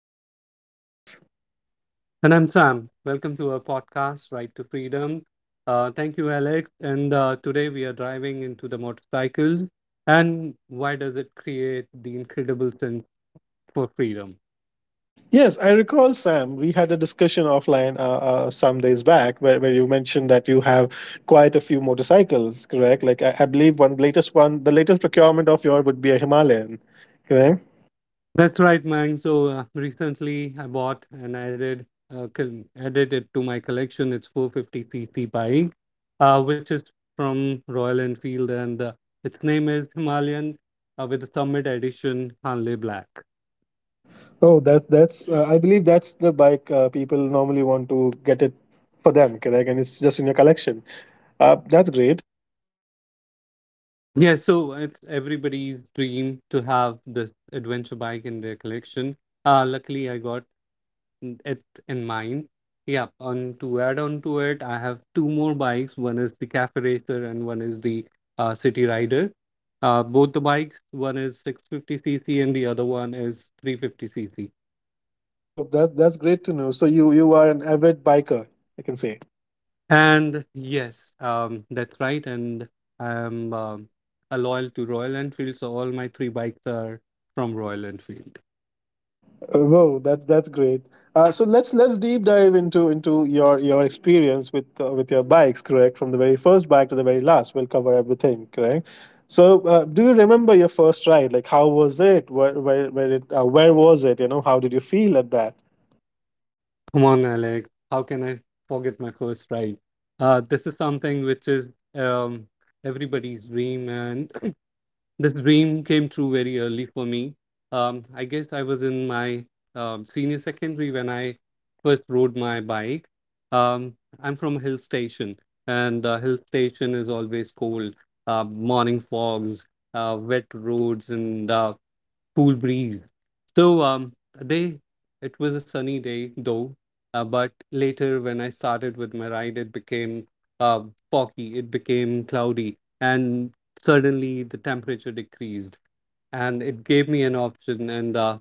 Freedom. I am Alex. And I'm Sam. Welcome to our podcast, Right to Freedom. Thank you, Alex. And today we are driving into the motorcycles and why does it create the incredible sense for freedom? Yes, I recall, Sam, we had a discussion offline some days back where you mentioned that you have quite a few motorcycles, correct? Like, I believe one latest one, the latest procurement of yours would be a Himalayan, correct? That's right, man. So recently I bought and added added it to my collection. It's 450cc bike, which is from Royal Enfield, and its name is Himalayan with the Summit Edition Hanley Black. Oh, that's, I believe that's the bike people normally want to get it for them, correct? And it's just in your collection. That's great. Yeah, so it's everybody's dream to have this adventure bike in their collection. Luckily, I got it in mine. Yeah, on to add on to it, I have two more bikes. One is the Cafe Racer and one is the City Rider. Both the bikes, one is 650cc and the other one is 350cc. Oh, that's great to know. So you are an avid biker, I can say. And yes, that's right. And I'm a loyal to Royal Enfield, so all my three bikes are from Royal Enfield. Whoa, that's great. So let's deep dive into your experience with your bikes, correct? From the very first bike to the very last, we'll cover everything, correct? So do you remember your first ride? Like how was it? Where was it? You know, how did you feel at that? Come on, Alex. How can I forget my first ride? This is something which is everybody's dream, and this dream came true very early for me. I guess I was in my senior secondary when I first rode my bike. Um, I'm from a hill station, and hill station is always cold. Morning fogs, wet roads, and cool breeze. So they it was a sunny day though, but later when I started with my ride, it became uh, foggy. It became cloudy, and suddenly the temperature decreased and it gave me an option and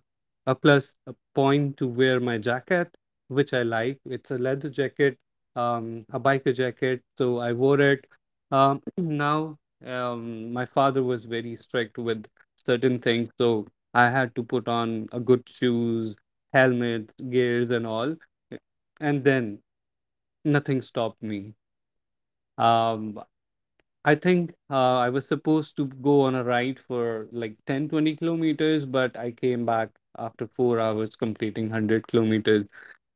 a plus a point to wear my jacket, which I like. It's a leather jacket, a biker jacket, so I wore it. Now, my father was very strict with certain things, so I had to put on a good shoes, helmets, gears, and all, and then nothing stopped me. Um, I think I was supposed to go on a ride for like 10, 20 kilometers, but I came back after 4 hours completing 100 kilometers.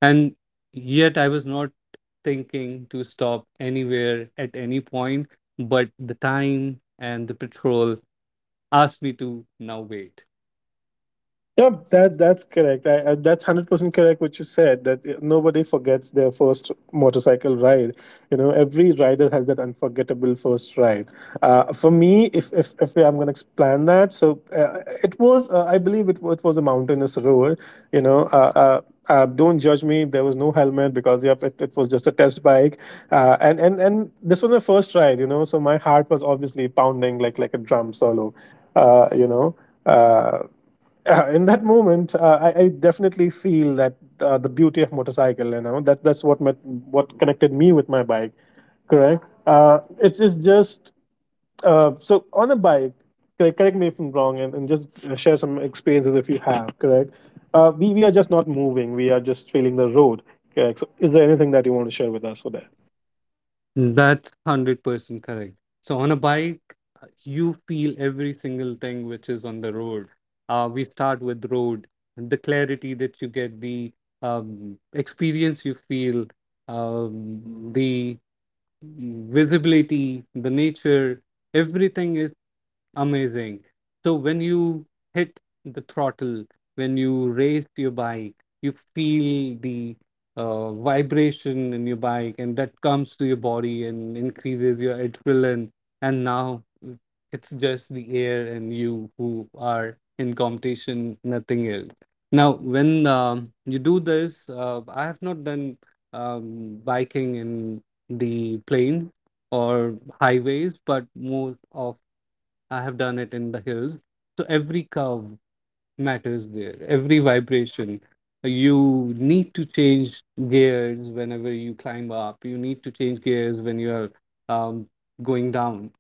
And yet I was not thinking to stop anywhere at any point, but the time and the patrol asked me to now wait. Yep, that's correct. That's 100% correct what you said. That nobody forgets their first motorcycle ride. You know, every rider has that unforgettable first ride. For me, if I'm going to explain that, it was, I believe it was a mountainous road. You know, don't judge me. There was no helmet because yep, it was just a test bike, and this was my first ride. You know, so my heart was obviously pounding like a drum solo. Uh, you know. uh, in that moment, I definitely feel that the beauty of motorcycle, you know, that's what met, what connected me with my bike. Correct. It's just so on a bike. Correct, correct me if I'm wrong, and just share some experiences if you have. Correct. We are just not moving. We are just feeling the road. Correct. So, is there anything that you want to share with us for that? That's 100% correct. So on a bike, you feel every single thing which is on the road. We start with road, the clarity that you get, the experience you feel, the visibility, the nature, everything is amazing. So when you hit the throttle, when you raised your bike, you feel the vibration in your bike, and that comes to your body and increases your adrenaline. And now it's just the air and you who are in competition, nothing else. Now, when you do this, I have not done biking in the plains or highways, but more of I have done it in the hills. So every curve matters there, every vibration. You need to change gears whenever you climb up. You need to change gears when you're um, going down,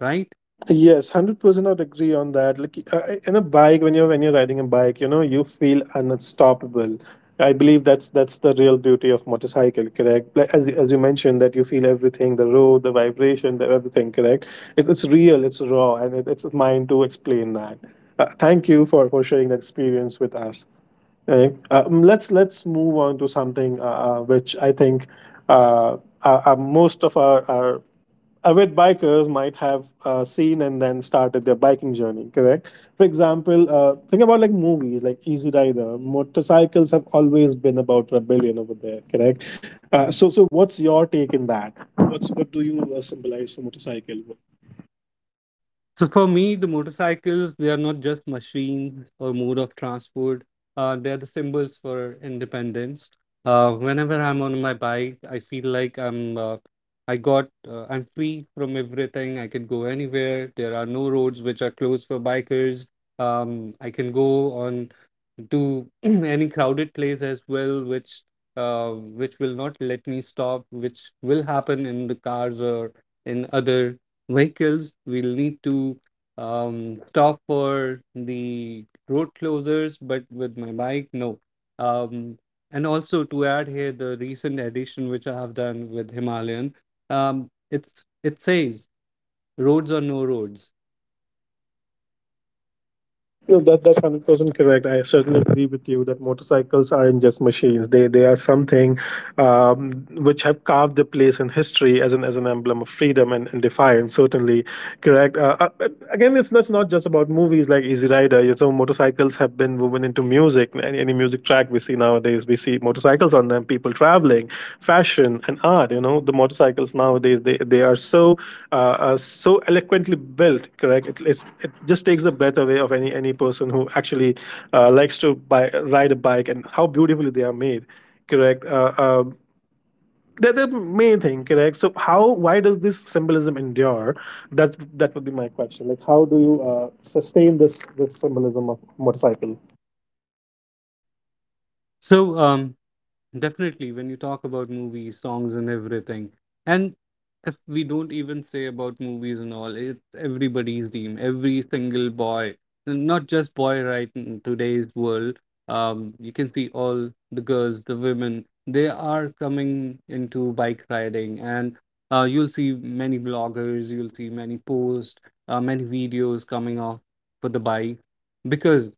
right? Yes, 100%. I'd agree on that. Like in a bike, when you're riding a bike, you know you feel unstoppable. I believe that's the real beauty of motorcycle. Correct, like as you mentioned that you feel everything, the road, the vibration, the everything. Correct, it's real, it's raw, and it's mine to explain that. Thank you for sharing that experience with us. Right? Let's move on to something which I think uh, most of our avid bikers might have seen and then started their biking journey, correct. For example, think about like movies like Easy Rider. Motorcycles have always been about rebellion over there, correct. So what's your take in that? What do you symbolize for motorcycle? So for me, the motorcycles, they are not just machines or mode of transport. They are the symbols for independence. Whenever I'm on my bike, I feel like I'm free from everything. I can go anywhere. There are no roads which are closed for bikers. I can go on to any crowded place as well, which will not let me stop, which will happen in the cars or in other vehicles. We'll need to stop for the road closures, but with my bike, no. Um, and also to add here the recent addition which I have done with Himalayan, it says roads or no roads. No, that's 100% correct. I certainly agree with you that motorcycles aren't just machines. They are something which have carved their place in history as an emblem of freedom and defiance. Certainly, correct. But again, it's that's not just about movies like Easy Rider. You know, motorcycles have been woven into music. Any music track we see nowadays, we see motorcycles on them. People traveling, fashion, and art. You know, the motorcycles nowadays they are so so eloquently built. Correct. It just takes the breath away of any person who actually likes to ride a bike and how beautifully they are made. Correct. The main thing, correct. So how why does this symbolism endure? That would be my question. Like how do you sustain this symbolism of motorcycle? So definitely, when you talk about movies, songs, and everything, and if we don't even say about movies and all, it's everybody's dream. Every single boy, not just boy, right? In today's world, you can see all the girls, the women, they are coming into bike riding, and you'll see many bloggers, you'll see many posts, many videos coming off for the bike because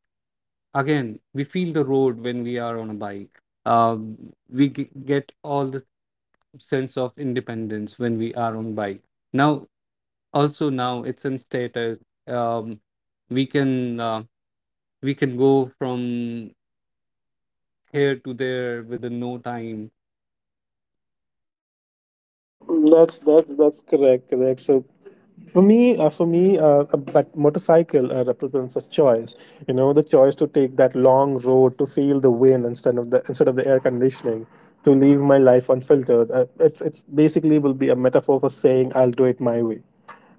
again we feel the road when we are on a bike, get all the sense of independence when we are on bike. Now, also now it's in status. Um, we can uh, we can go from here to there within no time. Uh, that's that's that's correct. So for me, but motorcycle represents a choice. You know, the choice to take that long road to feel the wind instead of the air conditioning. To leave my life unfiltered. It's basically will be a metaphor for saying I'll do it my way.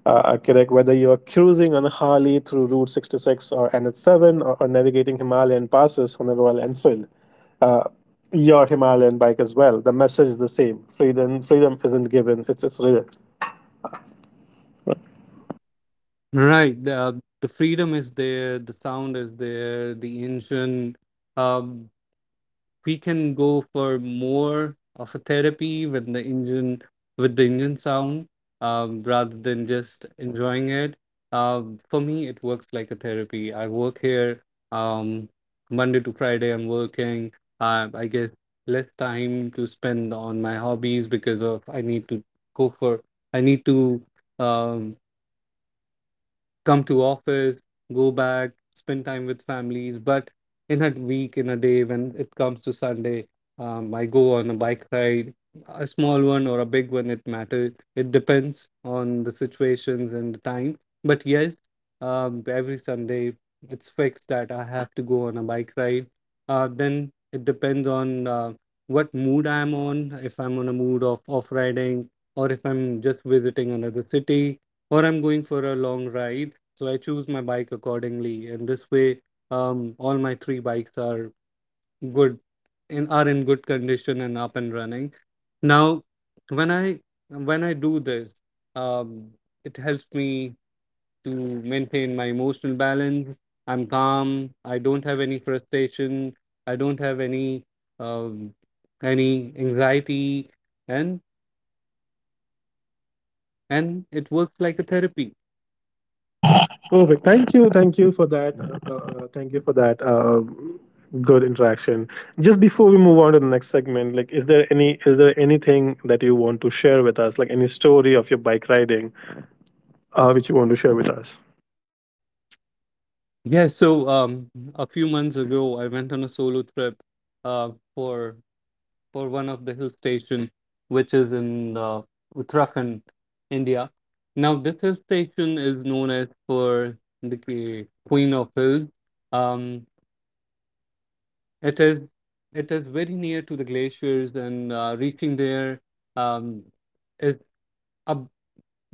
Kirk, whether you're cruising on a Harley through Route 66 or NH7 or navigating Himalayan passes on a Royal Enfield, uh, your Himalayan bike as well. The message is the same. Freedom, freedom isn't given. It's real. Right, the freedom is there, the sound is there, the engine. Um we can go for more of a therapy with the engine sound, rather than just enjoying it. For me, it works like a therapy. I work here um, Monday to Friday. I'm working. I guess less time to spend on my hobbies because of go for I need to, um, come to office, go back, spend time with families. But in a week, in a day, when it comes to Sunday, I go on a bike ride, a small one or a big one. It matters. It depends on the situations and the time. But yes, every Sunday it's fixed that I have to go on a bike ride. Then it depends on what mood I'm on. If I'm on a mood of off riding, or if I'm just visiting another city, or I'm going for a long ride, so I choose my bike accordingly, and this way, all my three bikes are good and are in good condition and up and running. Now, when I when I do this, um, it helps me to maintain my emotional balance. I'm calm. I don't have any frustration. I don't have any um, anxiety, and it works like a therapy. Perfect. Thank you. Thank you for that. Thank you for that. Good interaction. Just before we move on to the next segment, like, is there anything that you want to share with us? Like any story of your bike riding, which you want to share with us? Yeah, so a few months ago, I went on a solo trip uh, for for one of the hill station, which is in Uttarakhand, India. Now, this hill station is known as for the Queen of Hills. Um, it is it is very near to the glaciers, and reaching there um, is a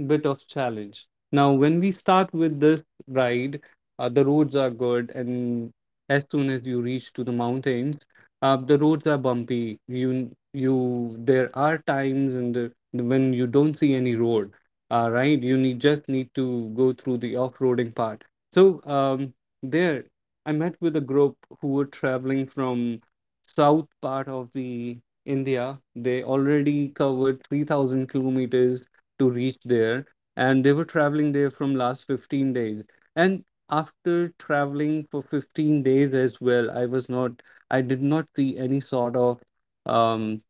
bit of challenge. Now, when we start with this ride, the roads are good, and as soon as you reach to the mountains, the roads are bumpy. You there are times in the when you don't see any road. Right, you need just need to go through the off-roading part. So there, I met with a group who were traveling from south part of the India. They already covered 3,000 kilometers to reach there and they were traveling there from last 15 days, and after traveling for 15 days as well, I did not see um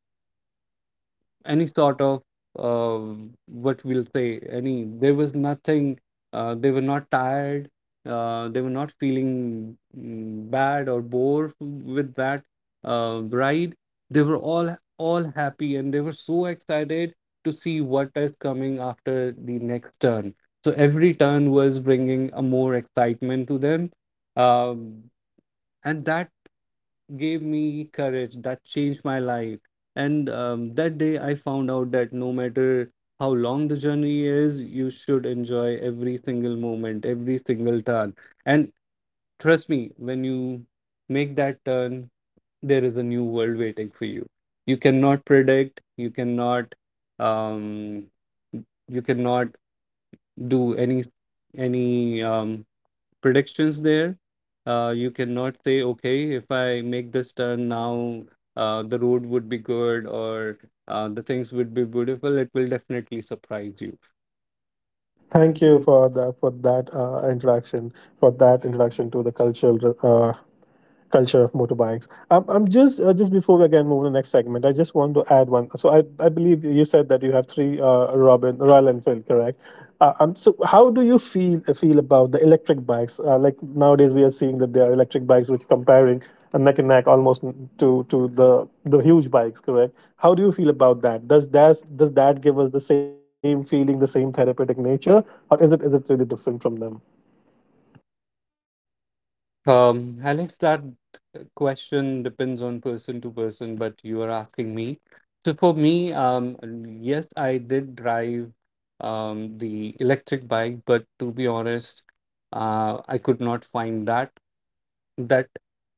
any sort of uh, what we'll say any there was nothing. They were not tired. They were not feeling bad or bored with that ride. They were all happy and they were so excited to see what is coming after the next turn, so every turn was bringing a more excitement to them. um, and that gave me courage that changed my life, and that day I found out that no matter how long the journey is, you should enjoy every single moment, every single turn. And trust me, when you make that turn, there is a new world waiting for you. You cannot predict, um, you cannot do any any um, predictions there. You cannot say, okay, if I make this turn now, the road would be good or the things would be beautiful. It will definitely surprise you. Thank Thank you you. for the for that introduction for that introduction to the cultural culture of motorbikes. I'm just before we again move to the next segment, I just want to add one. So I believe you said that you have three Robin Royal Enfield, correct? So how do you feel about the electric bikes? Like nowadays we are seeing that there are electric bikes which comparing neck and neck almost to the huge bikes, correct? How do you feel about that? Does that give us the same feeling, the same therapeutic nature, or is it really different from them? Alex, that question depends on person to person, but you are asking me. So for me, yes, I did drive the electric bike, but to be honest, I could not find that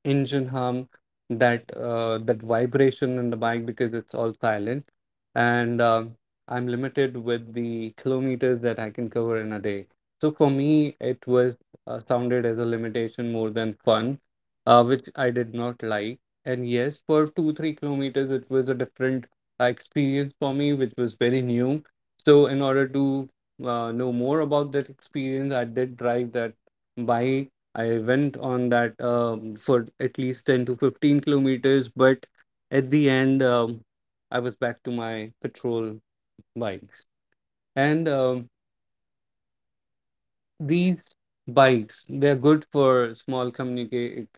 engine hum, that vibration in the bike because it's all silent, and I'm limited with the kilometers that I can cover in a day. So for me, it was sounded as a limitation more than fun, which I did not like. And yes, for 2 3 kilometers, it was a different experience for me, which was very new. So in order to know more about that experience, I did drive that bike I went on that, for at least 10 to 15 kilometers, but at the end, I was back to my patrol bikes. And these bikes, they're good for small communicate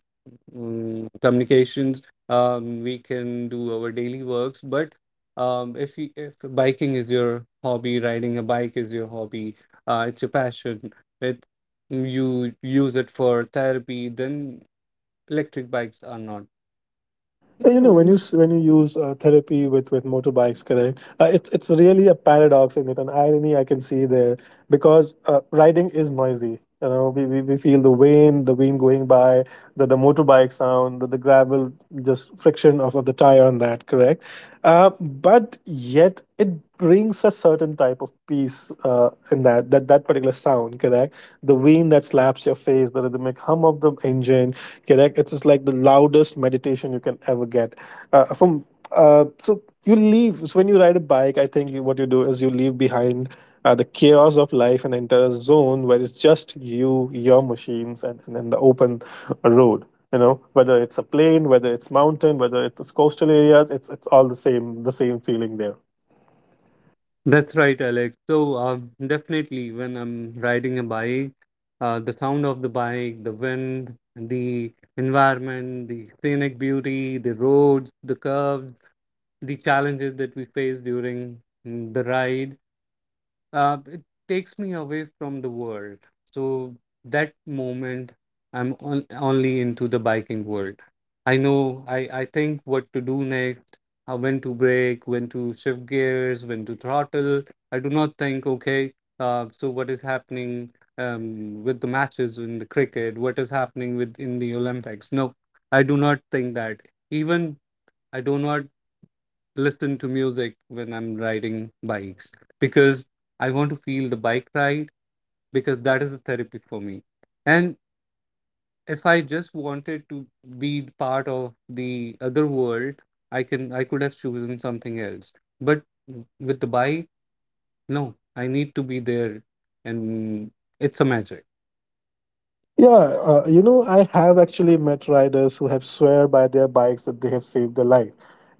communications. We can do our daily works, but if you, if biking is your hobby, riding a bike is your hobby, it's your passion. It you use it for therapy, then electric bikes are not. You You know, know, when you s- when you use therapy with motorbikes, correct? It's really a paradox in it, an irony I can see there because riding is noisy. You know, we feel the wind going by, the motorbike sound, the gravel, just friction of the tire on that, correct? But yet it brings a certain type of peace in that particular sound, correct? The wind that slaps your face, the rhythmic hum of the engine, correct. It's just like the loudest meditation you can ever get from so when you ride a bike, I think what you do is you leave behind the chaos of life and enter a zone where it's just you, your machines, and then the open road. You know, whether it's a plain, whether it's mountain, whether it's coastal areas, it's all the same feeling there. That's right, Alex. So, definitely, when I'm riding a bike, the sound of the bike, the wind, the environment, the scenic beauty, the roads, the curves, the challenges that we face during the ride. It takes me away from the world. So that moment, I'm on, only into the biking world. I know, I think what to do next, when to brake, when to shift gears, when to throttle. I do not think, okay, so what is happening with the matches in the cricket? What is happening with in the Olympics? No, I do not think that. Even I do not listen to music when I'm riding bikes because I want to feel the bike ride because that is the therapy for me. And if I just wanted to be part of the other world, I could have chosen something else. But with the bike, no, I need to be there, and it's a magic. Yeah, you know, I have actually met riders who have swear by their bikes that they have saved their life.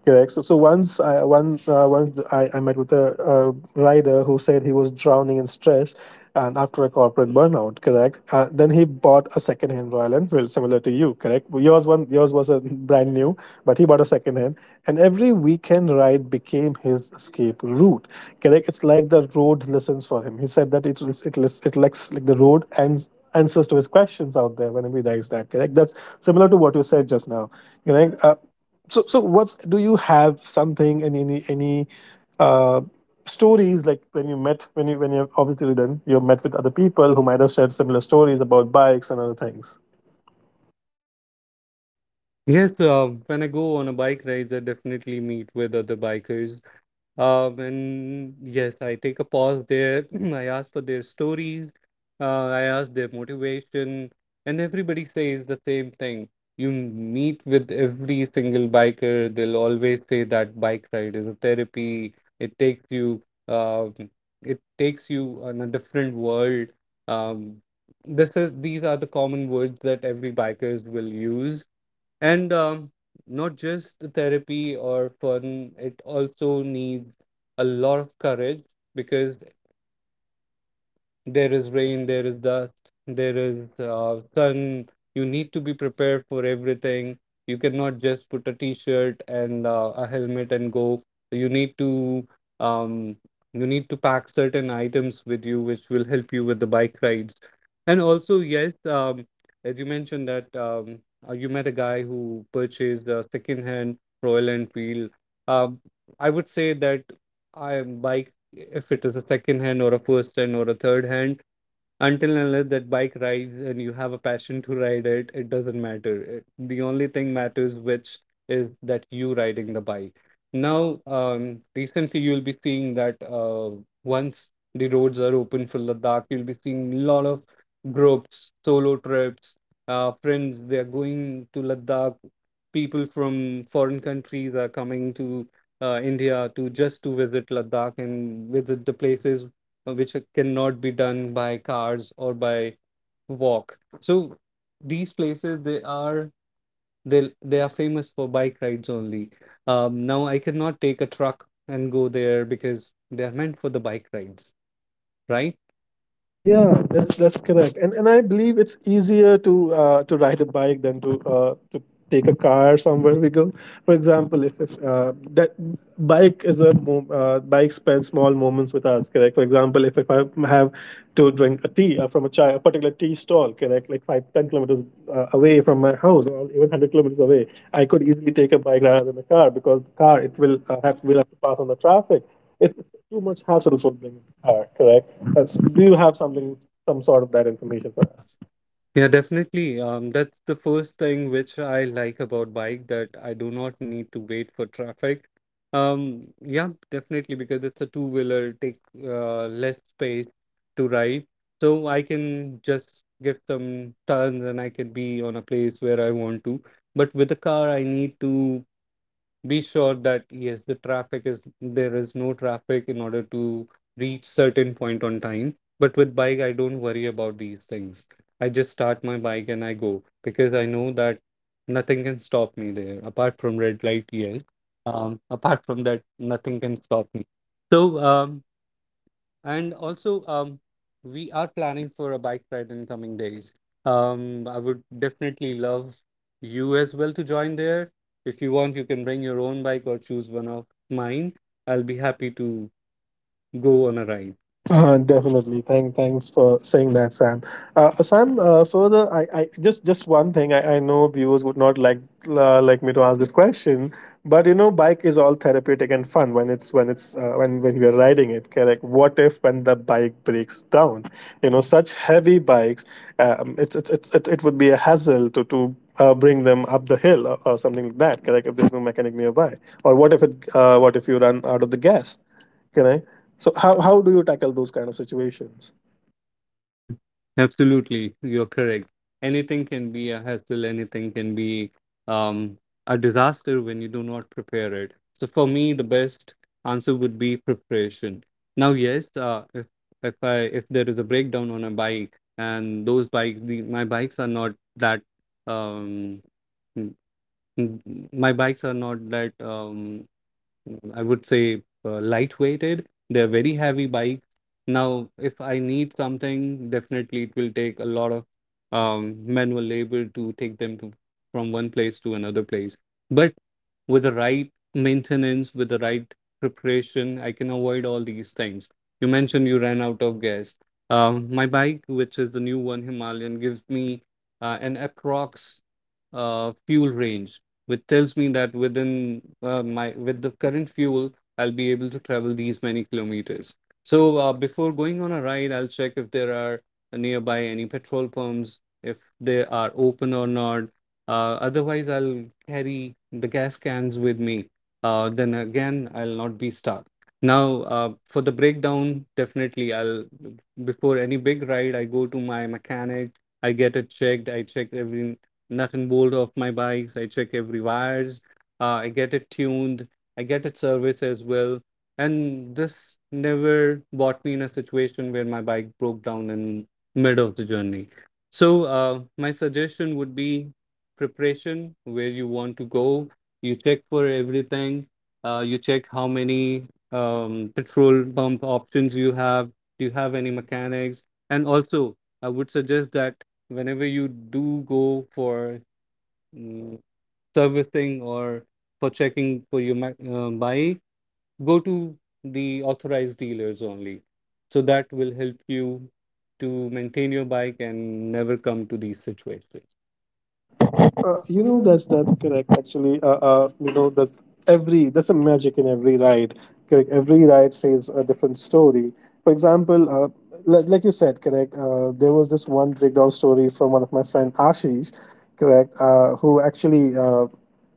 Correct. So once I one once I met with a rider who said he was drowning in stress and after a corporate burnout. Correct. Then he bought a second-hand Royal Enfield, similar to you. Correct. Yours was a brand new, but he bought a second-hand, and every weekend ride became his escape route. Correct. It's like the road listens for him. He said that it like the road and answers to his questions out there whenever he writes that. Correct. That's similar to what you said just now. Correct. So what's do you have something, and any uh, stories like when you met when you when you've obviously done you have met with other people who might have shared similar stories about bikes and other things. Yes, when I go on a bike rides, I definitely meet with other bikers. And yes, I take a pause there. I ask for their stories. I ask their motivation, and everybody says the same thing. You meet with every single biker, they'll always say that bike ride is a therapy. It takes you, um, it takes you on a different world. Um, this is these are the common words that every bikers will use. And not just the therapy or fun, it also needs a lot of courage because there is rain, there is dust, there is sun. You need to be prepared for everything. You cannot just put a t-shirt and a helmet and go. You need to um, you need to pack certain items with you, which will help you with the bike rides. And also, yes, as you mentioned that you met a guy who purchased a second-hand Royal Enfield. Um, I would say that I bike if it is a second hand or a first hand or a third hand, until and unless that bike rides and you have a passion to ride it, it doesn't matter. The only thing matters which is that you riding the bike. Now, recently you'll be seeing that once the roads are open for Ladakh, you'll be seeing a lot of groups, solo trips, friends, they are going to Ladakh. People from foreign countries are coming to India to just to visit Ladakh and visit the places which cannot be done by cars or by walk. So these places, they are famous for bike rides only. Now I cannot take a truck and go there because they are meant for the bike rides, right? Yeah, that's That's that's correct, and I believe it's easier to ride a bike than to take a car somewhere we go. For example, if that bike is bike spends small moments with us, correct. For example, if I have to drink a tea from a chai, a particular tea stall, correct, like 5-10 kilometers away from my house, or even 100 kilometers away, I could easily take a bike rather than a car because the car it will have will have to pass on the traffic, too much hassle for them. Correct. That's, do you have something, some sort of that information good for for us? us. Yeah, definitely. That's the first thing which I like about bike, that I do not need to wait for traffic. Yeah, definitely, because it's a two-wheeler, take less space to ride. So I can just give some turns and I can be on a place where I want to. But with a car, I need to be sure that there is no traffic in order to reach certain point on time. But with bike, I don't worry about these things. I just start my bike and I go because I know that nothing can stop me there apart from red light. Yes, apart from that nothing can stop me. so um. And also, we are planning for a bike ride in coming days. I would definitely love you as well to join there. If you want, you can bring your own bike or choose one of mine. I'll be happy to go on a ride. Definitely. Thanks for saying that, Sam. Sam, further, I just one thing. I know viewers would not like me to ask this question, but you know, bike is all therapeutic and fun when we are riding it. Correct. What if when the bike breaks down? You know, such heavy bikes, it would be a hassle to. Bring them up the hill or something like that. Correct. If there's no mechanic nearby, or what if it? What if you run out of the gas? Can I? So how do you tackle those kind of situations? Absolutely, you're correct. Anything can be a hassle, anything can be um, a disaster when you do not prepare it. So for me, the best answer would be preparation. Now, yes, if I if there is a breakdown on a bike, and those bikes, the my bikes are not that um, m- m- my bikes are not that mm, I would say lightweighted. They're very heavy bikes. Now, if I need something, definitely it will take a lot of manual labor to take them to, from one place to another place. But with the right maintenance, with the right preparation, I can avoid all these things. You mentioned you ran out of gas. My bike, which is the new one Himalayan, gives me an approx fuel range which tells me that within my with the current fuel, I'll be able to travel these many kilometers. So before going on a ride, I'll check if there are nearby any petrol pumps, if they are open or not. Otherwise, I'll carry the gas cans with me. Then again, I'll not be stuck. Now, for the breakdown, definitely I'll before any big ride, I go to my mechanic. I get it checked. I check every nothing bold of my bikes. I check every wires. I get it tuned. I get it serviced as well. And this never brought me in a situation where my bike broke down in mid of the journey. So my suggestion would be preparation, where you want to go. You check for everything. You check how many petrol pump options you have. Do you have any mechanics? And also, I would suggest that whenever you do go for mm, servicing or for checking for your bike, go to the authorized dealers only. So that will help you to maintain your bike and never come to these situations. You know, that's correct actually. You know that every that's a magic in every ride. Correct. Every ride says a different story. For example, like you said, correct. There was this one breakdown story from one of my friend Ashish, correct,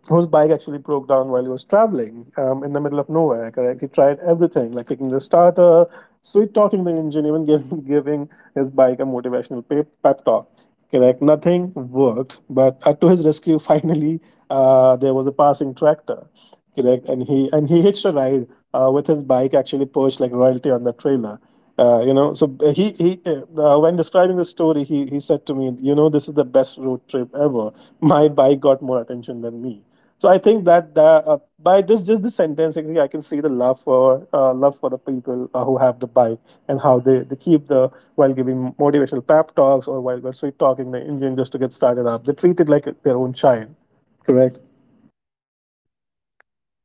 whose bike actually broke down while he was traveling in the middle of nowhere. Correct. He tried everything, like kicking the starter, sweet talking the engine, even giving giving his bike a motivational pep talk. Correct. Nothing worked, but to his rescue, finally, there was a passing tractor. Correct, and he hitched a ride with his bike, actually perched like royalty on the trailer. You know, so he when describing the story, he said to me, you know, this is the best road trip ever. My bike got more attention than me. So I think that by this sentence, actually, I can see the love for love for the people who have the bike and how they keep the while giving motivational pep talks or while we're sweet talking the engine just to get started up. They treat it like their own child. Correct.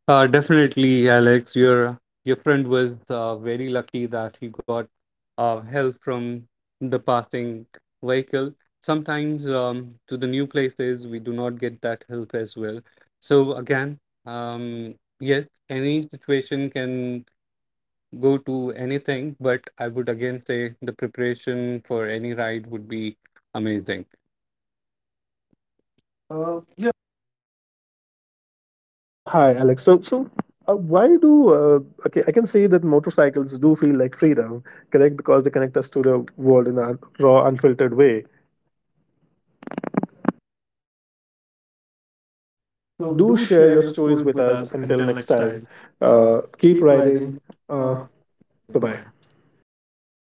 Definitely, Alex. Your friend was very lucky that he got help from the passing vehicle. Sometimes to the new places we do not get that help as well. So again, um, yes, any situation can go to anything, but I would again say the preparation for any ride would be amazing. Yeah, Yeah. Hi, Alex. So. Why do Okay? I can say that motorcycles do feel like freedom, correct? Because they connect us to the world in a raw, unfiltered way. so So do do share share your your stories stories with with us. us. Until Until next next time, time, uh, keep keep riding. riding. Uh, Uh, Bye Goodbye. bye.